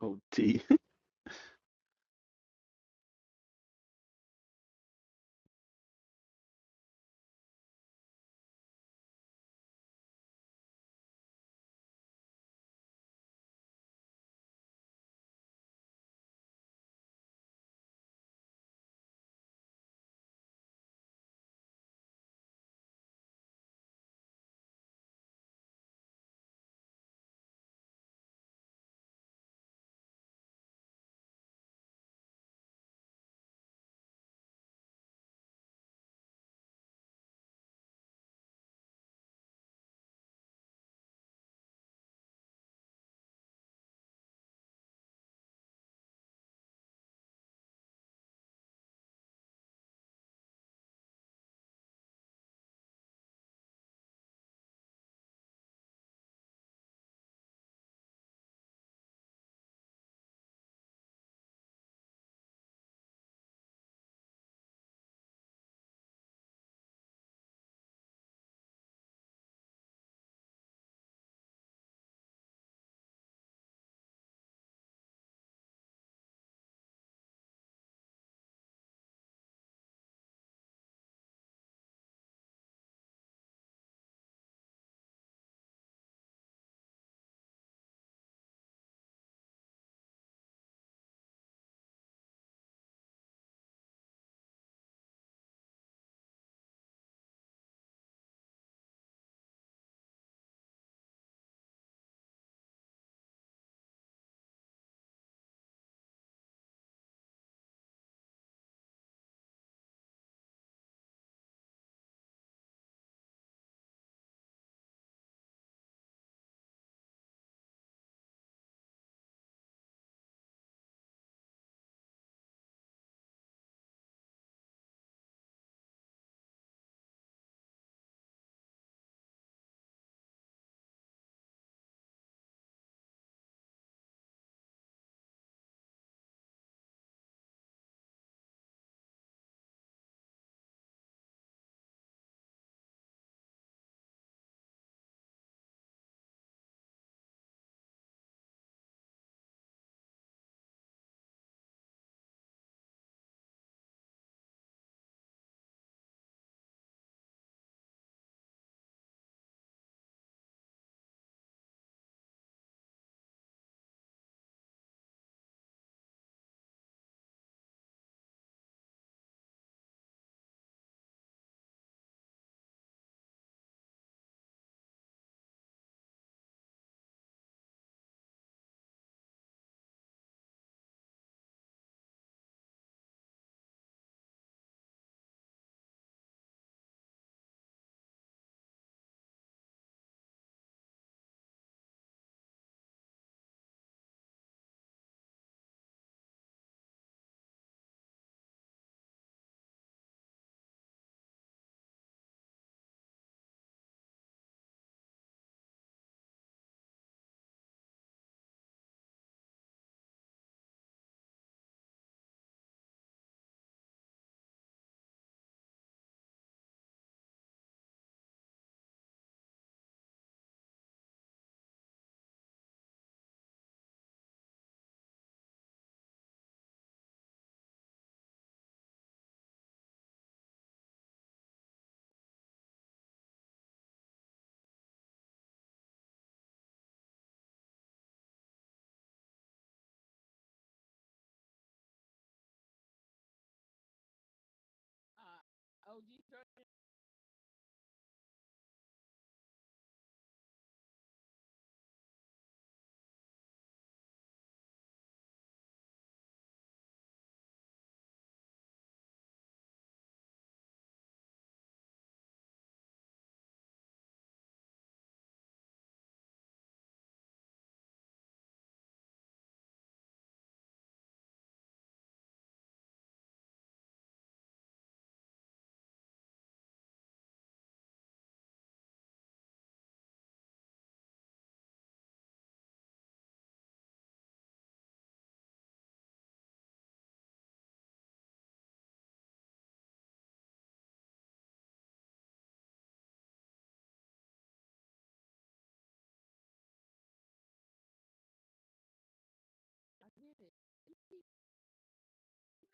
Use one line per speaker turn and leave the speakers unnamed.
Oh, dear.
Uh, OG, Jordan, I get it. Didn't he- did